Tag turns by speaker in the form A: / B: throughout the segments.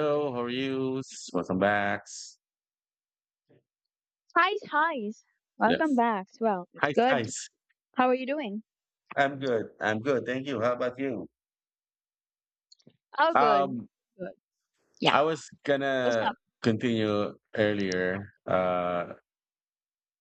A: Hello, how are you? Welcome back.
B: Hi, hi.
A: Yeah.
B: Welcome back. Well, it's
A: Hi, hi.
B: good. How are you doing?
A: I'm good. I'm good. Thank you. How about you?
B: Oh, good.
A: Um,
B: Good. Yeah.
A: I was
B: What's
A: gonna
B: up?
A: continue earlier,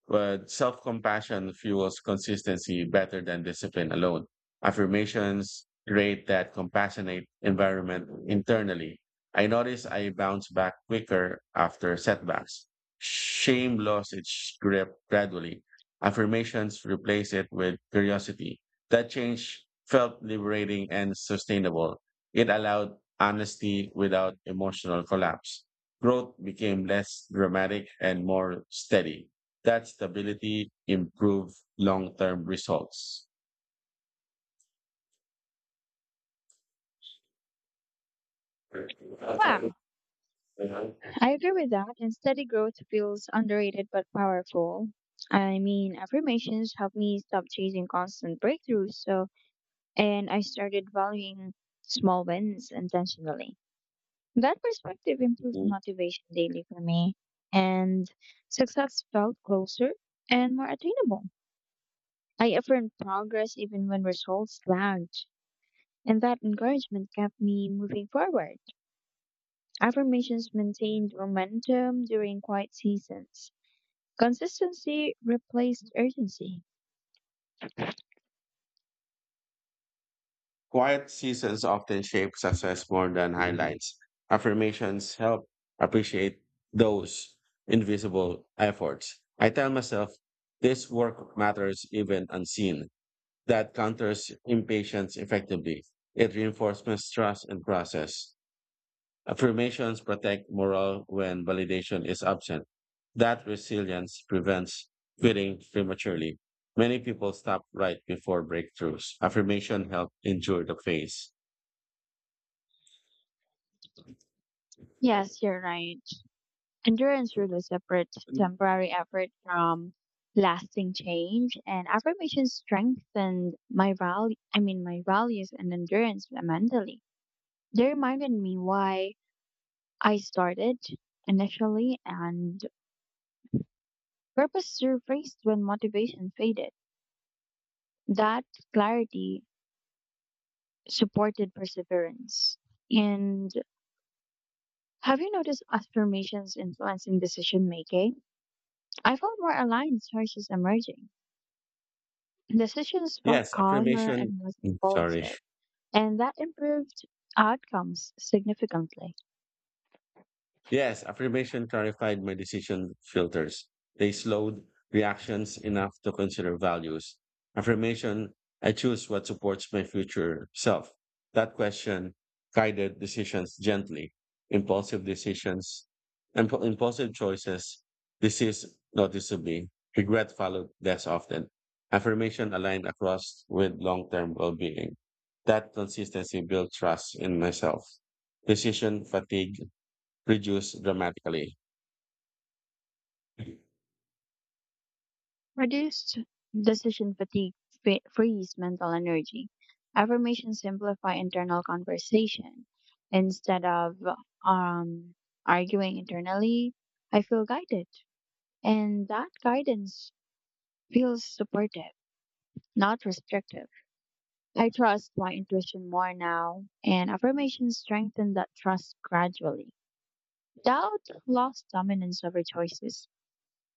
A: But self compassion fuels consistency better than discipline alone. Affirmations create that compassionate environment internally. I notice I bounce back quicker after setbacks. Shame lost its grip gradually. Affirmations replace it with curiosity. That change felt liberating and sustainable. It allowed honesty without emotional collapse. Growth became less dramatic and more steady that stability improve long-term results.
B: Wow. I agree with that. And steady growth feels underrated but powerful. I mean, affirmations helped me stop chasing constant breakthroughs. So, and I started valuing small wins intentionally. That perspective improved motivation daily for me. And success felt closer and more attainable. I affirmed progress even when results lagged. And that encouragement kept me moving forward. Affirmations maintained momentum during quiet seasons. Consistency replaced urgency.
A: Quiet seasons often shape success more than highlights. Affirmations help appreciate those invisible efforts. I tell myself this work matters even unseen. That counters impatience effectively. It reinforces trust and process. Affirmations protect morale when validation is absent. That resilience prevents quitting prematurely. Many people stop right before breakthroughs. Affirmation help endure the phase.
B: Yes, you're right. Endurance really separates temporary effort from lasting change, and affirmation strengthened my value. I mean, my values and endurance mentally. They reminded me why I started initially, and purpose surfaced when motivation faded. That clarity supported perseverance. And have you noticed affirmations influencing decision making? I felt more aligned choices emerging. Decisions felt
A: Yes,
B: calmer
A: affirmation.
B: and less
A: Sorry.
B: impulsive, and that improved outcomes significantly.
A: Yes, affirmation clarified my decision filters. They slowed reactions enough to consider values. Affirmation, I choose what supports my future self. That question guided decisions gently. Impulsive decisions, impulsive choices, this is noticeably. Regret followed less often. Affirmation aligned across with long-term well-being. That consistency built trust in myself. Decision fatigue reduce dramatically.
B: Reduced decision fatigue frees mental energy. Affirmations simplify internal conversation. Instead of um, arguing internally, I feel guided, and that guidance feels supportive, not restrictive. I trust my intuition more now, and affirmations strengthen that trust gradually. Doubt lost dominance over choices.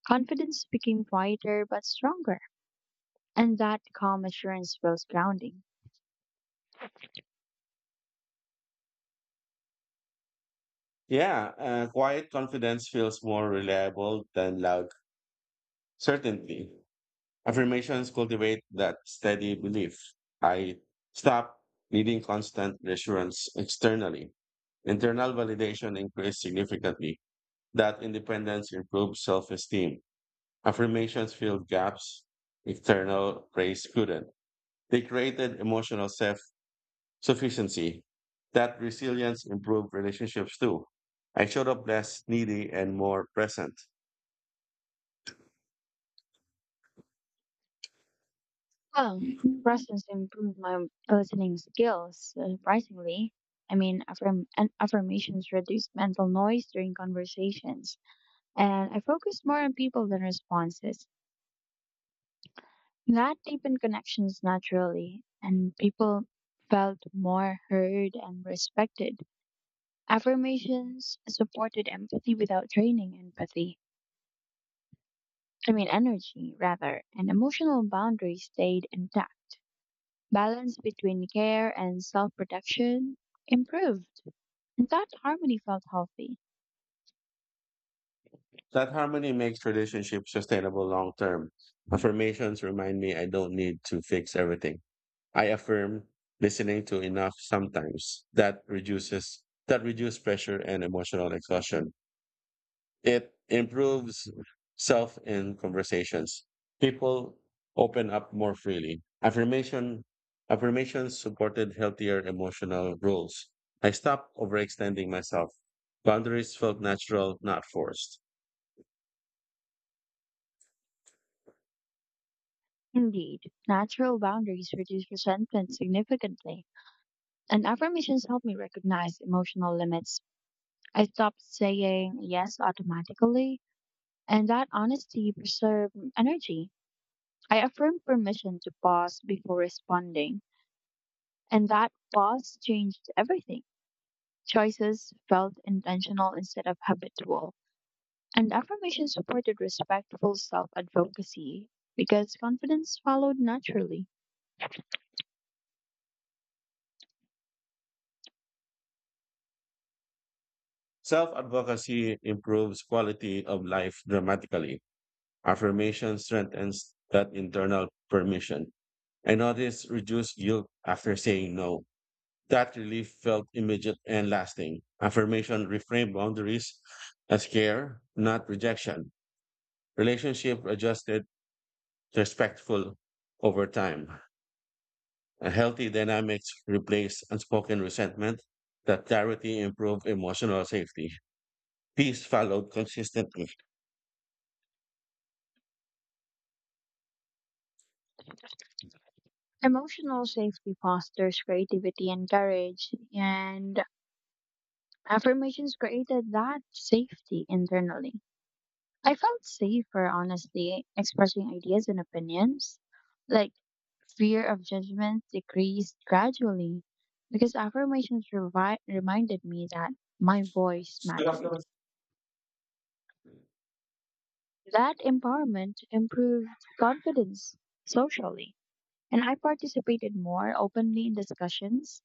B: Confidence became quieter but stronger, and that calm assurance feels grounding.
A: Yeah, quiet confidence feels more reliable than loud certainty. Affirmations cultivate that steady belief. I stop needing constant reassurance externally. Internal validation increased significantly. That independence improved self esteem. Affirmations filled gaps external praise couldn't. They created emotional safety. Sufficiency. That resilience improved relationships too. I showed up less needy and more present.
B: Well, presence improved my listening skills, surprisingly. I mean, and affirmations reduced mental noise during conversations, and I focused more on people than responses. That deepened connections naturally, and people felt more heard and respected. Affirmations supported empathy without draining empathy. I mean, energy, rather, and emotional boundaries stayed intact. Balance between care and self protection improved, and that harmony felt healthy.
A: That harmony makes relationships sustainable long term. Affirmations remind me I don't need to fix everything. I affirm listening to enough sometimes. That reduces pressure and emotional exhaustion. It improves self in conversations. People open up more freely. Affirmations supported healthier emotional rules. I stopped overextending myself. Boundaries felt natural, not forced.
B: Indeed, natural boundaries reduce resentment significantly, and affirmations help me recognize emotional limits. I stopped saying yes automatically, and that honesty preserved energy. I affirmed permission to pause before responding, and that pause changed everything. Choices felt intentional instead of habitual, and affirmation supported respectful self advocacy because confidence followed naturally.
A: Self-advocacy improves quality of life dramatically. Affirmation strengthens that internal permission. I noticed reduced guilt after saying no. That relief felt immediate and lasting. Affirmation reframed boundaries as care, not rejection. Relationship adjusted, to respectful over time. A healthy dynamics replaced unspoken resentment. That clarity improved emotional safety. Peace followed consistently.
B: Emotional safety fosters creativity and courage, and affirmations created that safety internally. I felt safer, honestly, expressing ideas and opinions. Like, fear of judgment decreased gradually because affirmations reminded me that my voice mattered. That empowerment improved confidence socially, and I participated more openly in discussions.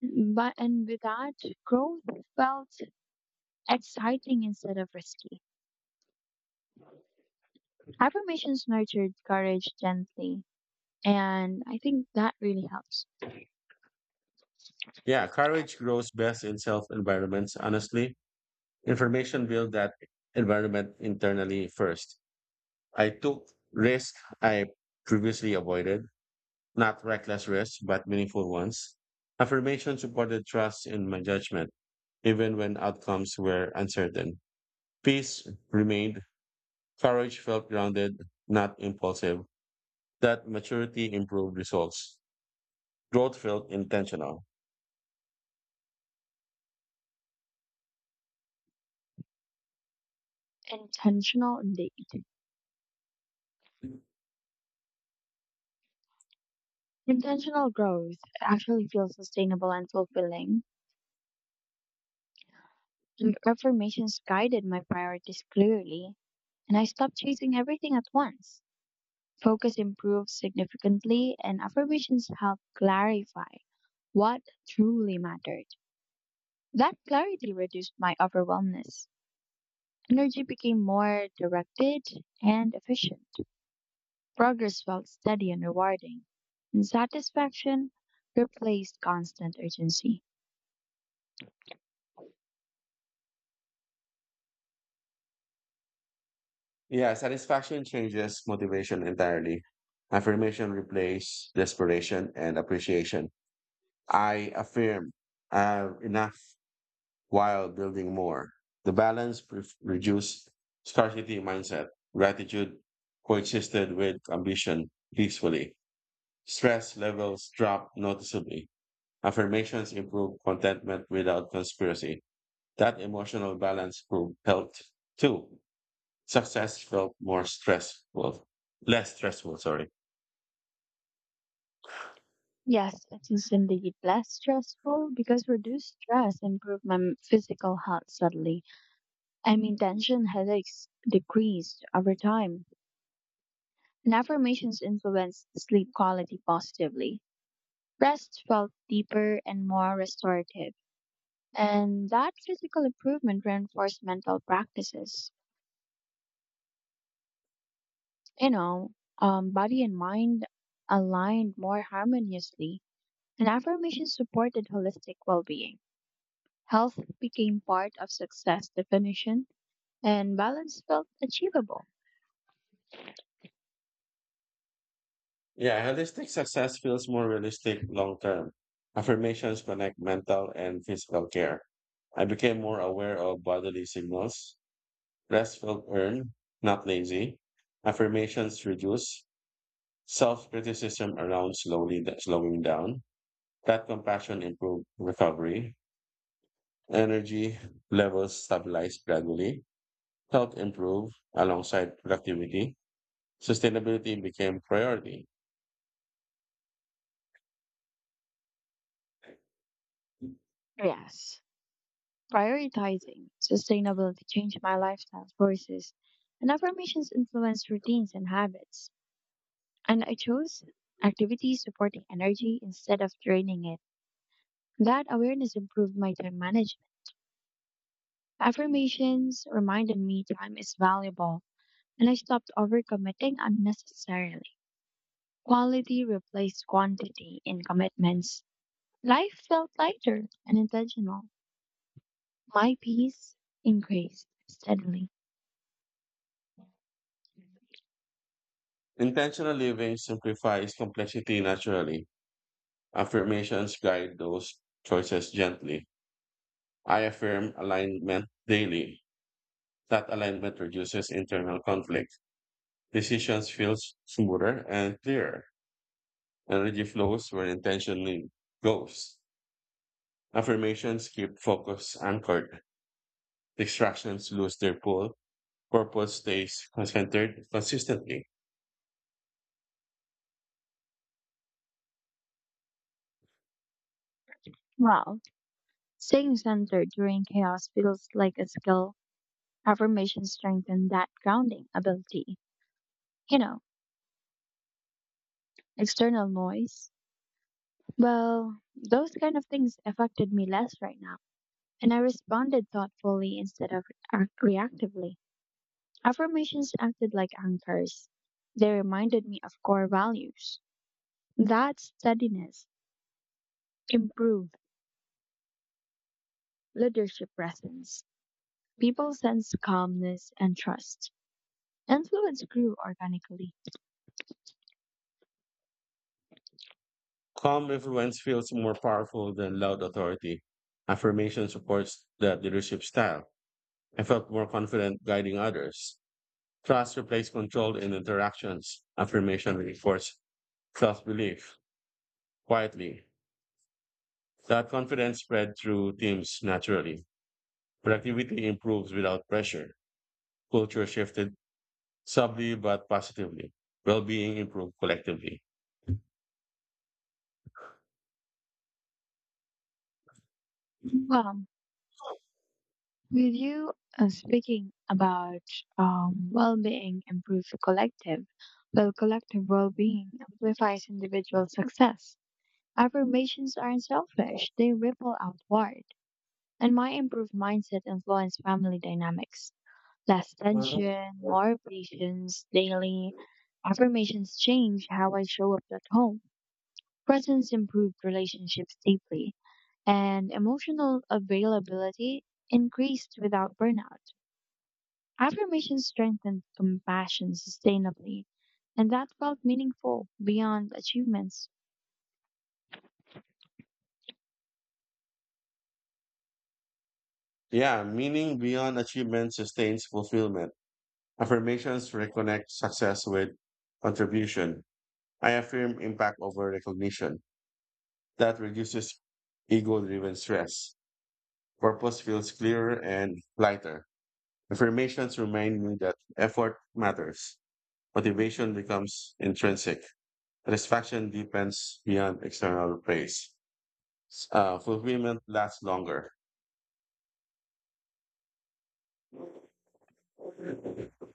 B: Mm, But and with that, growth felt exciting instead of risky. Affirmations nurtured courage gently, and I think that really helps.
A: Yeah, courage grows best in self environments, honestly. Information build that environment internally first. I took risk I previously avoided not reckless risks, but meaningful ones. Affirmation supported trust in my judgment, even when outcomes were uncertain. Peace remained. Courage felt grounded, not impulsive. That maturity improved results. Growth felt intentional.
B: Intentional indeed. Intentional growth actually feels sustainable and fulfilling. And affirmations guided my priorities clearly, and I stopped chasing everything at once. Focus improved significantly, and affirmations helped clarify what truly mattered. That clarity reduced my overwhelmness. Energy became more directed and efficient. Progress felt steady and rewarding, and satisfaction replaced constant urgency.
A: Yeah, satisfaction changes motivation entirely. Affirmation replaced desperation and appreciation. I affirm enough. While building more. Reduced scarcity mindset. Gratitude coexisted with ambition peacefully. Stress levels dropped noticeably. Affirmations improved contentment without conspiracy. That emotional balance proved helped too. Success felt more stressful, less stressful, sorry.
B: Yes, it is indeed less stressful because reduced stress improved my physical health subtly. I mean, tension headaches decreased over time, and affirmations influenced sleep quality positively. Rest felt deeper and more restorative. And that physical improvement reinforced mental practices. You know, body and mind aligned more harmoniously, and affirmations supported holistic well being. Health became part of success definition, and balance felt achievable.
A: Yeah, holistic success feels more realistic long term. Affirmations connect mental and physical care. I became more aware of bodily signals. Rest felt earned, not lazy. Affirmations reduce self criticism around slowly slowing down. That compassion improved recovery. Energy levels stabilized gradually. Health improved alongside productivity. Sustainability became priority.
B: Yes, prioritizing sustainability changed my lifestyle choices, and affirmations influenced routines and habits. And I chose activities supporting energy instead of draining it. That awareness improved my time management. Affirmations reminded me time is valuable and I stopped overcommitting unnecessarily. Quality replaced quantity in commitments. Life felt lighter and intentional. My peace increased steadily.
A: Intentional living simplifies complexity naturally. Affirmations guide those choices gently. I affirm alignment daily. That alignment reduces internal conflict. Decisions feel smoother and clearer. Energy flows where intention goes. Affirmations keep focus anchored. Distractions lose their pull. Purpose stays centered consistently.
B: Wow, staying centered during chaos feels like a skill. Affirmations strengthen that grounding ability. You know, external noise. Well, those kind of things affected me less right now. And I responded thoughtfully instead of reactively. Affirmations acted like anchors. They reminded me of core values. That steadiness improved leadership presence. People sense calmness and trust. Influence grew organically.
A: Calm influence feels more powerful than loud authority. Affirmation supports that leadership style. I felt more confident guiding others. Trust replaced control in interactions. Affirmation reinforced self belief quietly. That confidence spread through teams naturally. Productivity improves without pressure. Culture shifted subtly but positively. Well being improved collectively.
B: Well, with you speaking about well-being improves collective well-being amplifies individual success. Affirmations aren't selfish, they ripple outward. And my improved mindset influenced family dynamics. Less tension, more patience, daily affirmations change how I show up at home. Presence improved relationships deeply, and emotional availability increased without burnout. Affirmations strengthened compassion sustainably, and that felt meaningful beyond achievements.
A: Yeah, meaning beyond achievement sustains fulfillment. Affirmations reconnect success with contribution. I affirm impact over recognition. That reduces ego driven stress. Purpose feels clearer and lighter. Affirmations remind me that effort matters. Motivation becomes intrinsic. Satisfaction depends beyond external praise. Fulfillment lasts longer.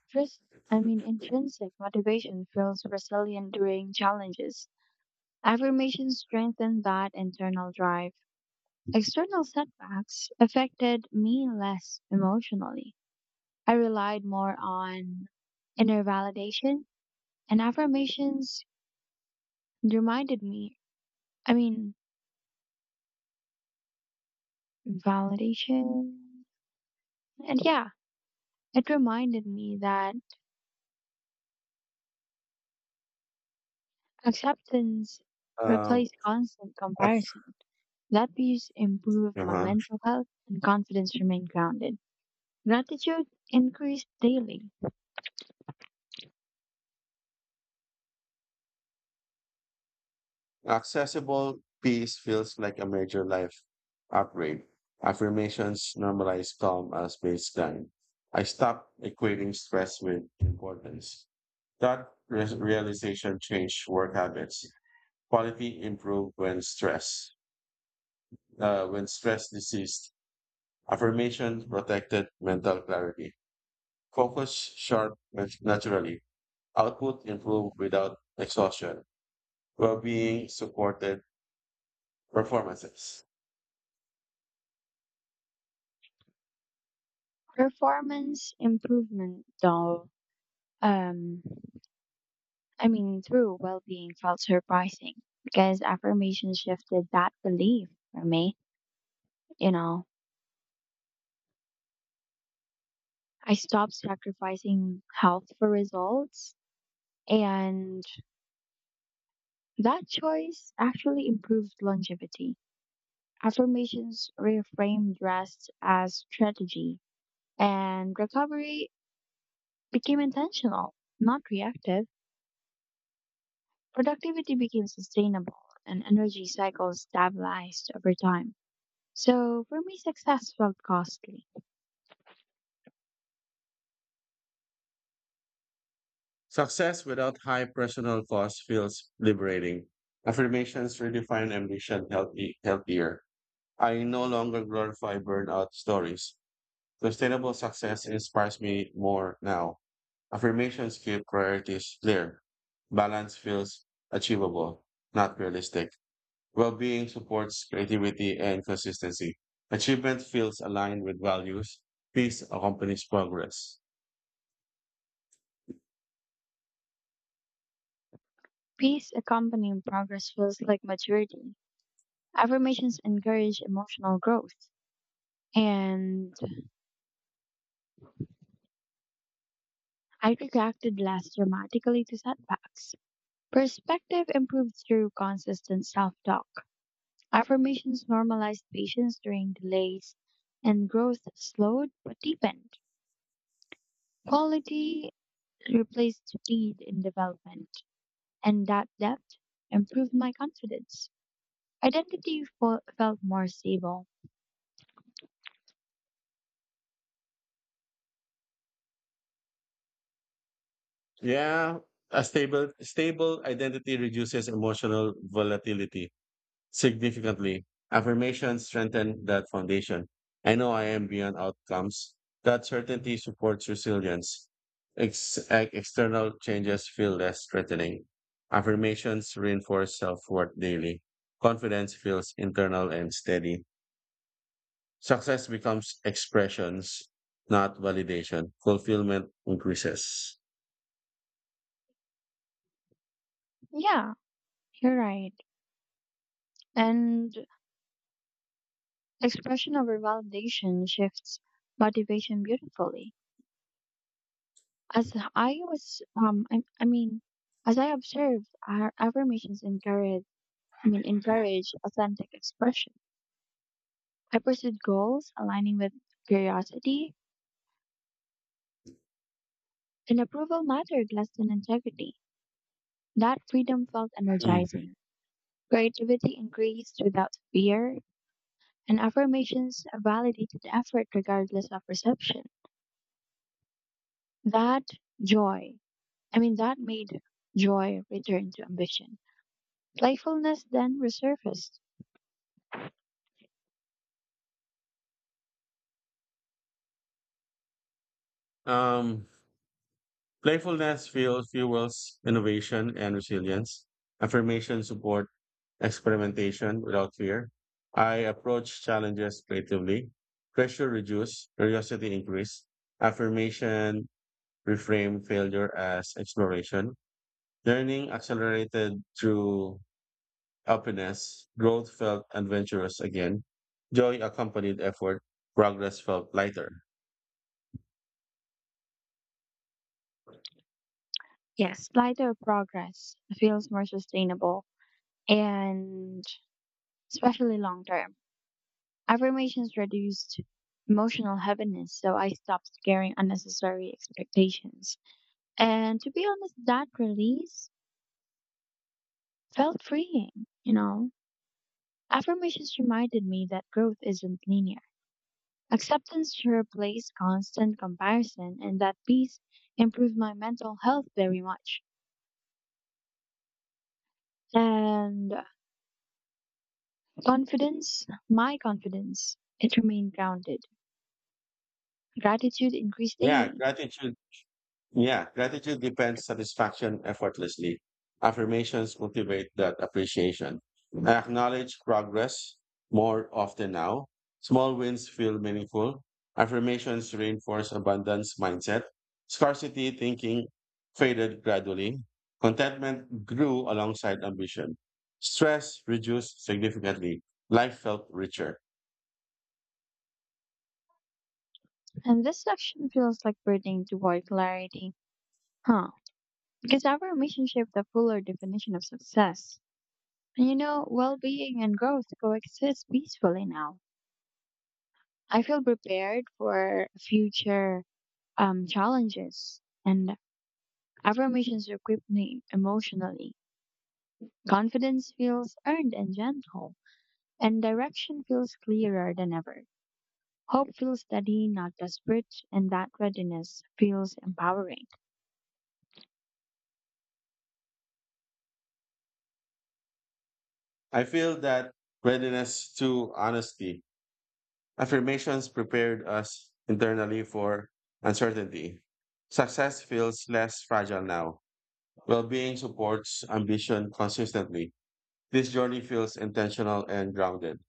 B: Trust, I mean, intrinsic motivation feels resilient during challenges. Affirmations strengthen that internal drive. External setbacks affected me less emotionally. I relied more on inner validation, and affirmations reminded me, I mean, validation. And yeah, it reminded me that acceptance
A: Um,
B: replaced constant
A: ac-
B: comparison. That peace improved my
A: uh-huh.
B: mental health and confidence remained grounded. Gratitude increased daily.
A: Accessible peace feels like a major life upgrade. Affirmations normalize calm as baseline. I stopped equating stress with importance. Realization changed work habits. Quality improved when stress deceased. Affirmation protected mental clarity. Naturally. Output improved without exhaustion. Well-being supported performances.
B: Performance improvement, though, um, I mean, through well being felt surprising because affirmation shifted that belief for me. You know, I stopped sacrificing health for results, and that choice actually improved longevity. Affirmations reframed rest as strategy, and recovery became intentional, not reactive, productivity became sustainable and energy cycles stabilized over time. So for me, success felt costly.
A: Success without high personal cost feels liberating. Affirmations redefine ambition healthier. I no longer glorify burnout stories. Sustainable success inspires me more now. Affirmations keep priorities clear. Balance feels achievable, not realistic. Well-being supports creativity and consistency. Achievement feels aligned with values. Peace accompanies progress.
B: Peace accompanying progress feels like maturity. Affirmations encourage emotional growth. And I reacted less dramatically to setbacks. Perspective improves through consistent self talk. Affirmations normalized patience during delays, and growth slowed but deepened. Quality replaced speed in development, and that depth improved my confidence. Identity felt more stable.
A: Yeah, a stable identity reduces emotional volatility significantly. Affirmations strengthen that foundation. I know I am beyond outcomes. That certainty supports resilience. External changes feel less threatening. Affirmations reinforce self-worth daily. Confidence feels internal and steady. Success becomes expressions, not validation. Fulfillment increases.
B: Yeah, you're right. And expression over validation shifts motivation beautifully. As I was, um, I, I mean, as I observed, our affirmations encourage authentic expression. I pursued goals aligning with curiosity, and approval mattered less than integrity. That freedom felt
A: Mm.
B: energizing. Creativity increased without fear, and affirmations validated effort regardless of reception. That joy, that made joy return to ambition. Playfulness then resurfaced.
A: Um, fuels innovation and resilience. Affirmation support experimentation without fear. I approach challenges creatively. Pressure reduce, curiosity increase. Affirmation reframe failure as exploration. Learning accelerated through openness. Growth felt adventurous again. Joy accompanied effort. Progress felt lighter.
B: Yes, lighter progress feels more sustainable and especially long term. Affirmations reduced emotional heaviness, so I stopped carrying unnecessary expectations. And to be honest, that release felt freeing, you know. Affirmations reminded me that growth isn't linear. Acceptance replaced constant comparison, and that peace improved my mental health very much. And confidence, my confidence, it remained grounded. Gratitude increased
A: Yeah,
B: daily.
A: gratitude Yeah, gratitude depends satisfaction effortlessly. Affirmations motivate that appreciation. I acknowledge progress more often now. Small wins feel meaningful. Affirmations reinforce abundance mindset. Scarcity thinking faded gradually. Contentment grew alongside ambition. Stress reduced significantly. Life felt richer.
B: And this section feels like burdening toward clarity. Huh. Because our relationship the fuller definition of success. And you know, well being and growth coexist peacefully now. I feel prepared for future challenges and affirmations equip me emotionally. Confidence feels earned and gentle, and direction feels clearer than ever. Hope feels steady, not desperate, and that readiness feels empowering.
A: I feel that readiness to honesty. Affirmations prepared us internally for uncertainty. Success feels less fragile now. Well being supports ambition consistently. This journey feels intentional and grounded.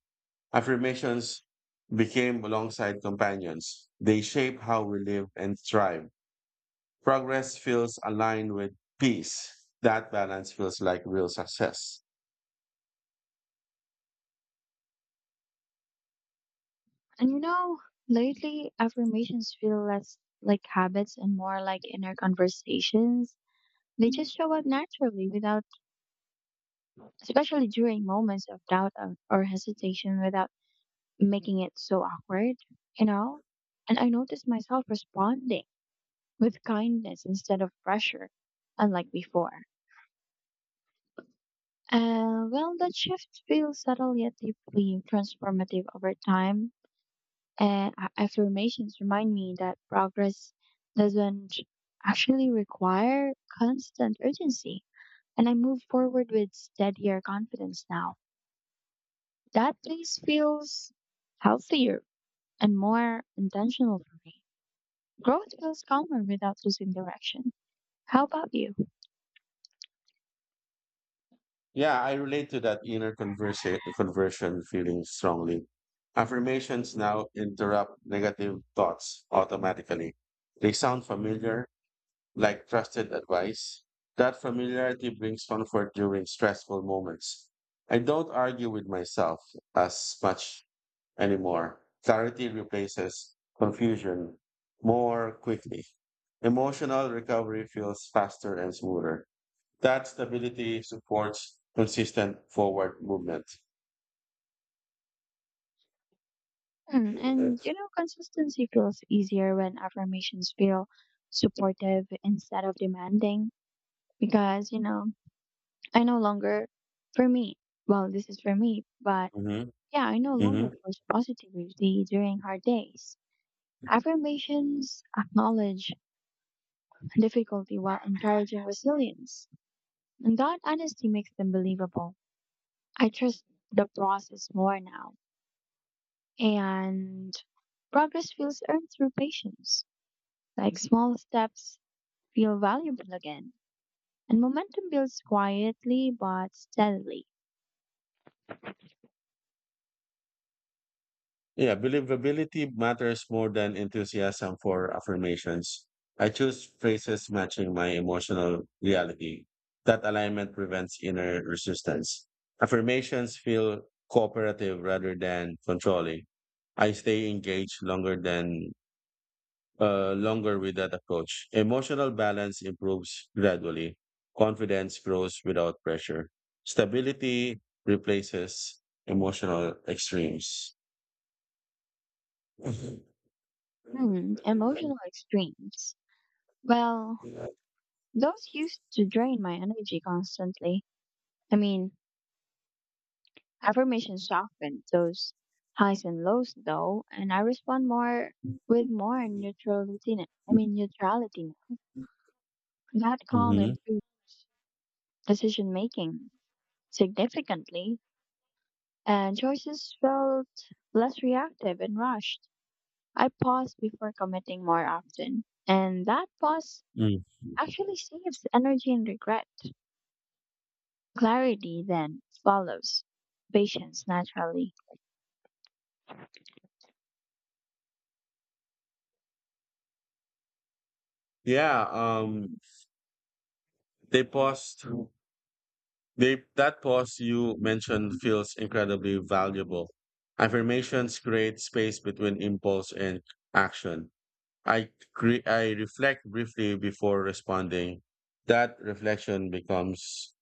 A: Affirmations became alongside companions. They shape how we live and thrive. Progress feels aligned with peace. That balance feels like real success.
B: And you know, lately affirmations feel less like habits and more like inner conversations. They just show up naturally without, especially during moments of doubt or hesitation, without making it so awkward, you know? And I notice myself responding with kindness instead of pressure, unlike before. Well, that shift feels subtle yet deeply transformative over time. Affirmations remind me that progress doesn't actually require constant urgency, and I move forward with steadier confidence now. That place feels healthier and more intentional for me. Growth feels calmer without losing direction. How about you?
A: Yeah, I relate to that conversion feeling strongly. Affirmations now interrupt negative thoughts automatically. They sound familiar, like trusted advice. That familiarity brings comfort during stressful moments. I don't argue with myself as much anymore. Clarity replaces confusion more quickly. Emotional recovery feels faster and smoother. That stability supports consistent forward movement.
B: Mm,
A: Hmm.
B: and you know, consistency feels easier when affirmations feel supportive instead of demanding because, you know, I no longer, for me, well, this is for me, but yeah, I no longer
A: Hmm.
B: force positivity during hard days. Affirmations acknowledge difficulty while encouraging resilience. And that honesty makes them believable. I trust the process more now. And progress feels earned through patience, like small steps feel valuable again. And momentum builds quietly but steadily.
A: Yeah, believability matters more than enthusiasm for affirmations. I choose phrases matching my emotional reality. That alignment prevents inner resistance. Affirmations feel cooperative rather than controlling. I stay engaged longer with that approach. Emotional balance improves gradually. Confidence grows without pressure. Stability replaces emotional extremes. Mhm.
B: Hmm, emotional extremes. Well, those used to drain my energy constantly. I mean, affirmations soften those highs and lows though, and I respond more with more neutrality. Now that calm improved decision making significantly, and choices felt less reactive and rushed. I pause before committing more often, and that pause
A: Mm.
B: actually saves energy and regret. Clarity then follows patience naturally.
A: Yeah, they paused. They, that pause you mentioned feels incredibly valuable. Affirmations create space between impulse and action. I I reflect briefly before responding. That reflection becomes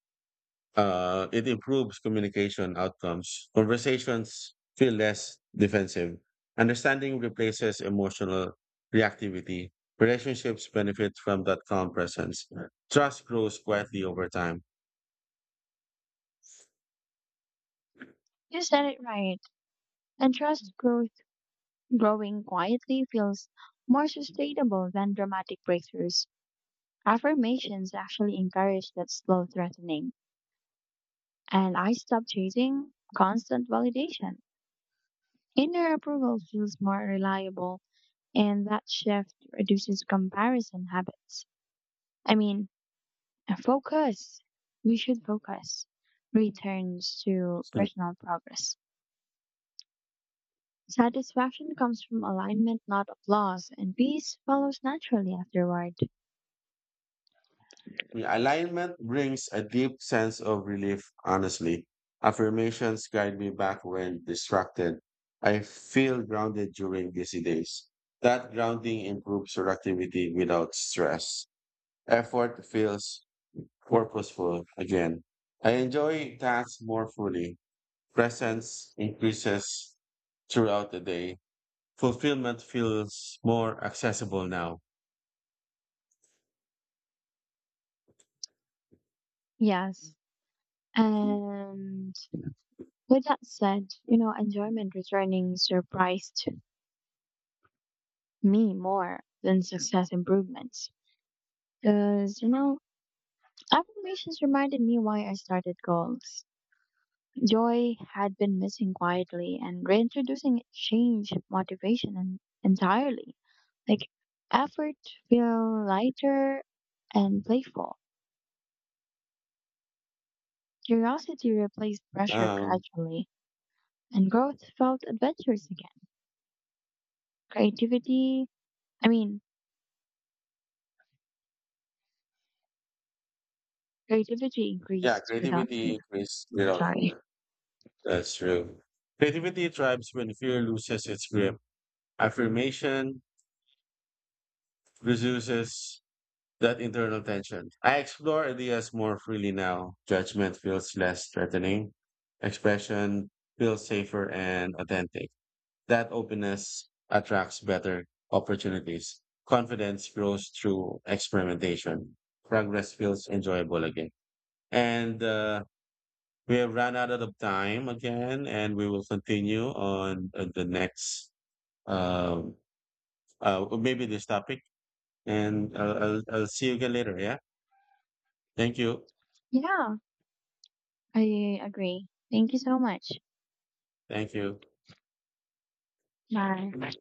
A: it improves communication outcomes. Conversations feel less defensive. Understanding replaces emotional reactivity. Relationships benefit from that calm presence. Trust grows quietly over time.
B: You said it right, and trust growth growing quietly feels more sustainable than dramatic breakthroughs. Affirmations actually encourage that slow threatening, and I stop chasing constant validation. Inner approval feels more reliable, and that shift reduces comparison habits. I mean, focus. We should focus. Returns to personal progress. Satisfaction comes from alignment, not applause, and peace follows naturally afterward.
A: Realignment brings a deep sense of relief, honestly. Affirmations guide me back when distracted. I feel grounded during busy days. That grounding improves productivity without stress. Effort feels purposeful again. I enjoy tasks more fully. Presence increases throughout the day. Fulfillment feels more accessible now.
B: Yes. And with that said, you know, enjoyment returning surprised me more than success improvements. Because, you know, affirmations reminded me why I started goals. Joy had been missing quietly and reintroducing it changed motivation entirely. Like effort feel lighter and playful. Curiosity replaced pressure
A: Um,
B: gradually and growth felt adventurous again. Creativity I mean Creativity
A: yeah,
B: increased without
A: creativity
B: fear.
A: increases without
B: Sorry.
A: fear. That's true. Creativity thrives when fear loses its grip. Affirmation reduces that internal tension. I explore ideas more freely now. Judgment feels less threatening. Expression feels safer and authentic. That openness attracts better opportunities. Confidence grows through experimentation. Progress feels enjoyable again. And we have run out of time again, and we will continue on the next um, well, maybe this topic. And I'll see you again later. Yeah. Thank you.
B: Yeah, I agree. Thank you so much.
A: Thank you.
B: Bye.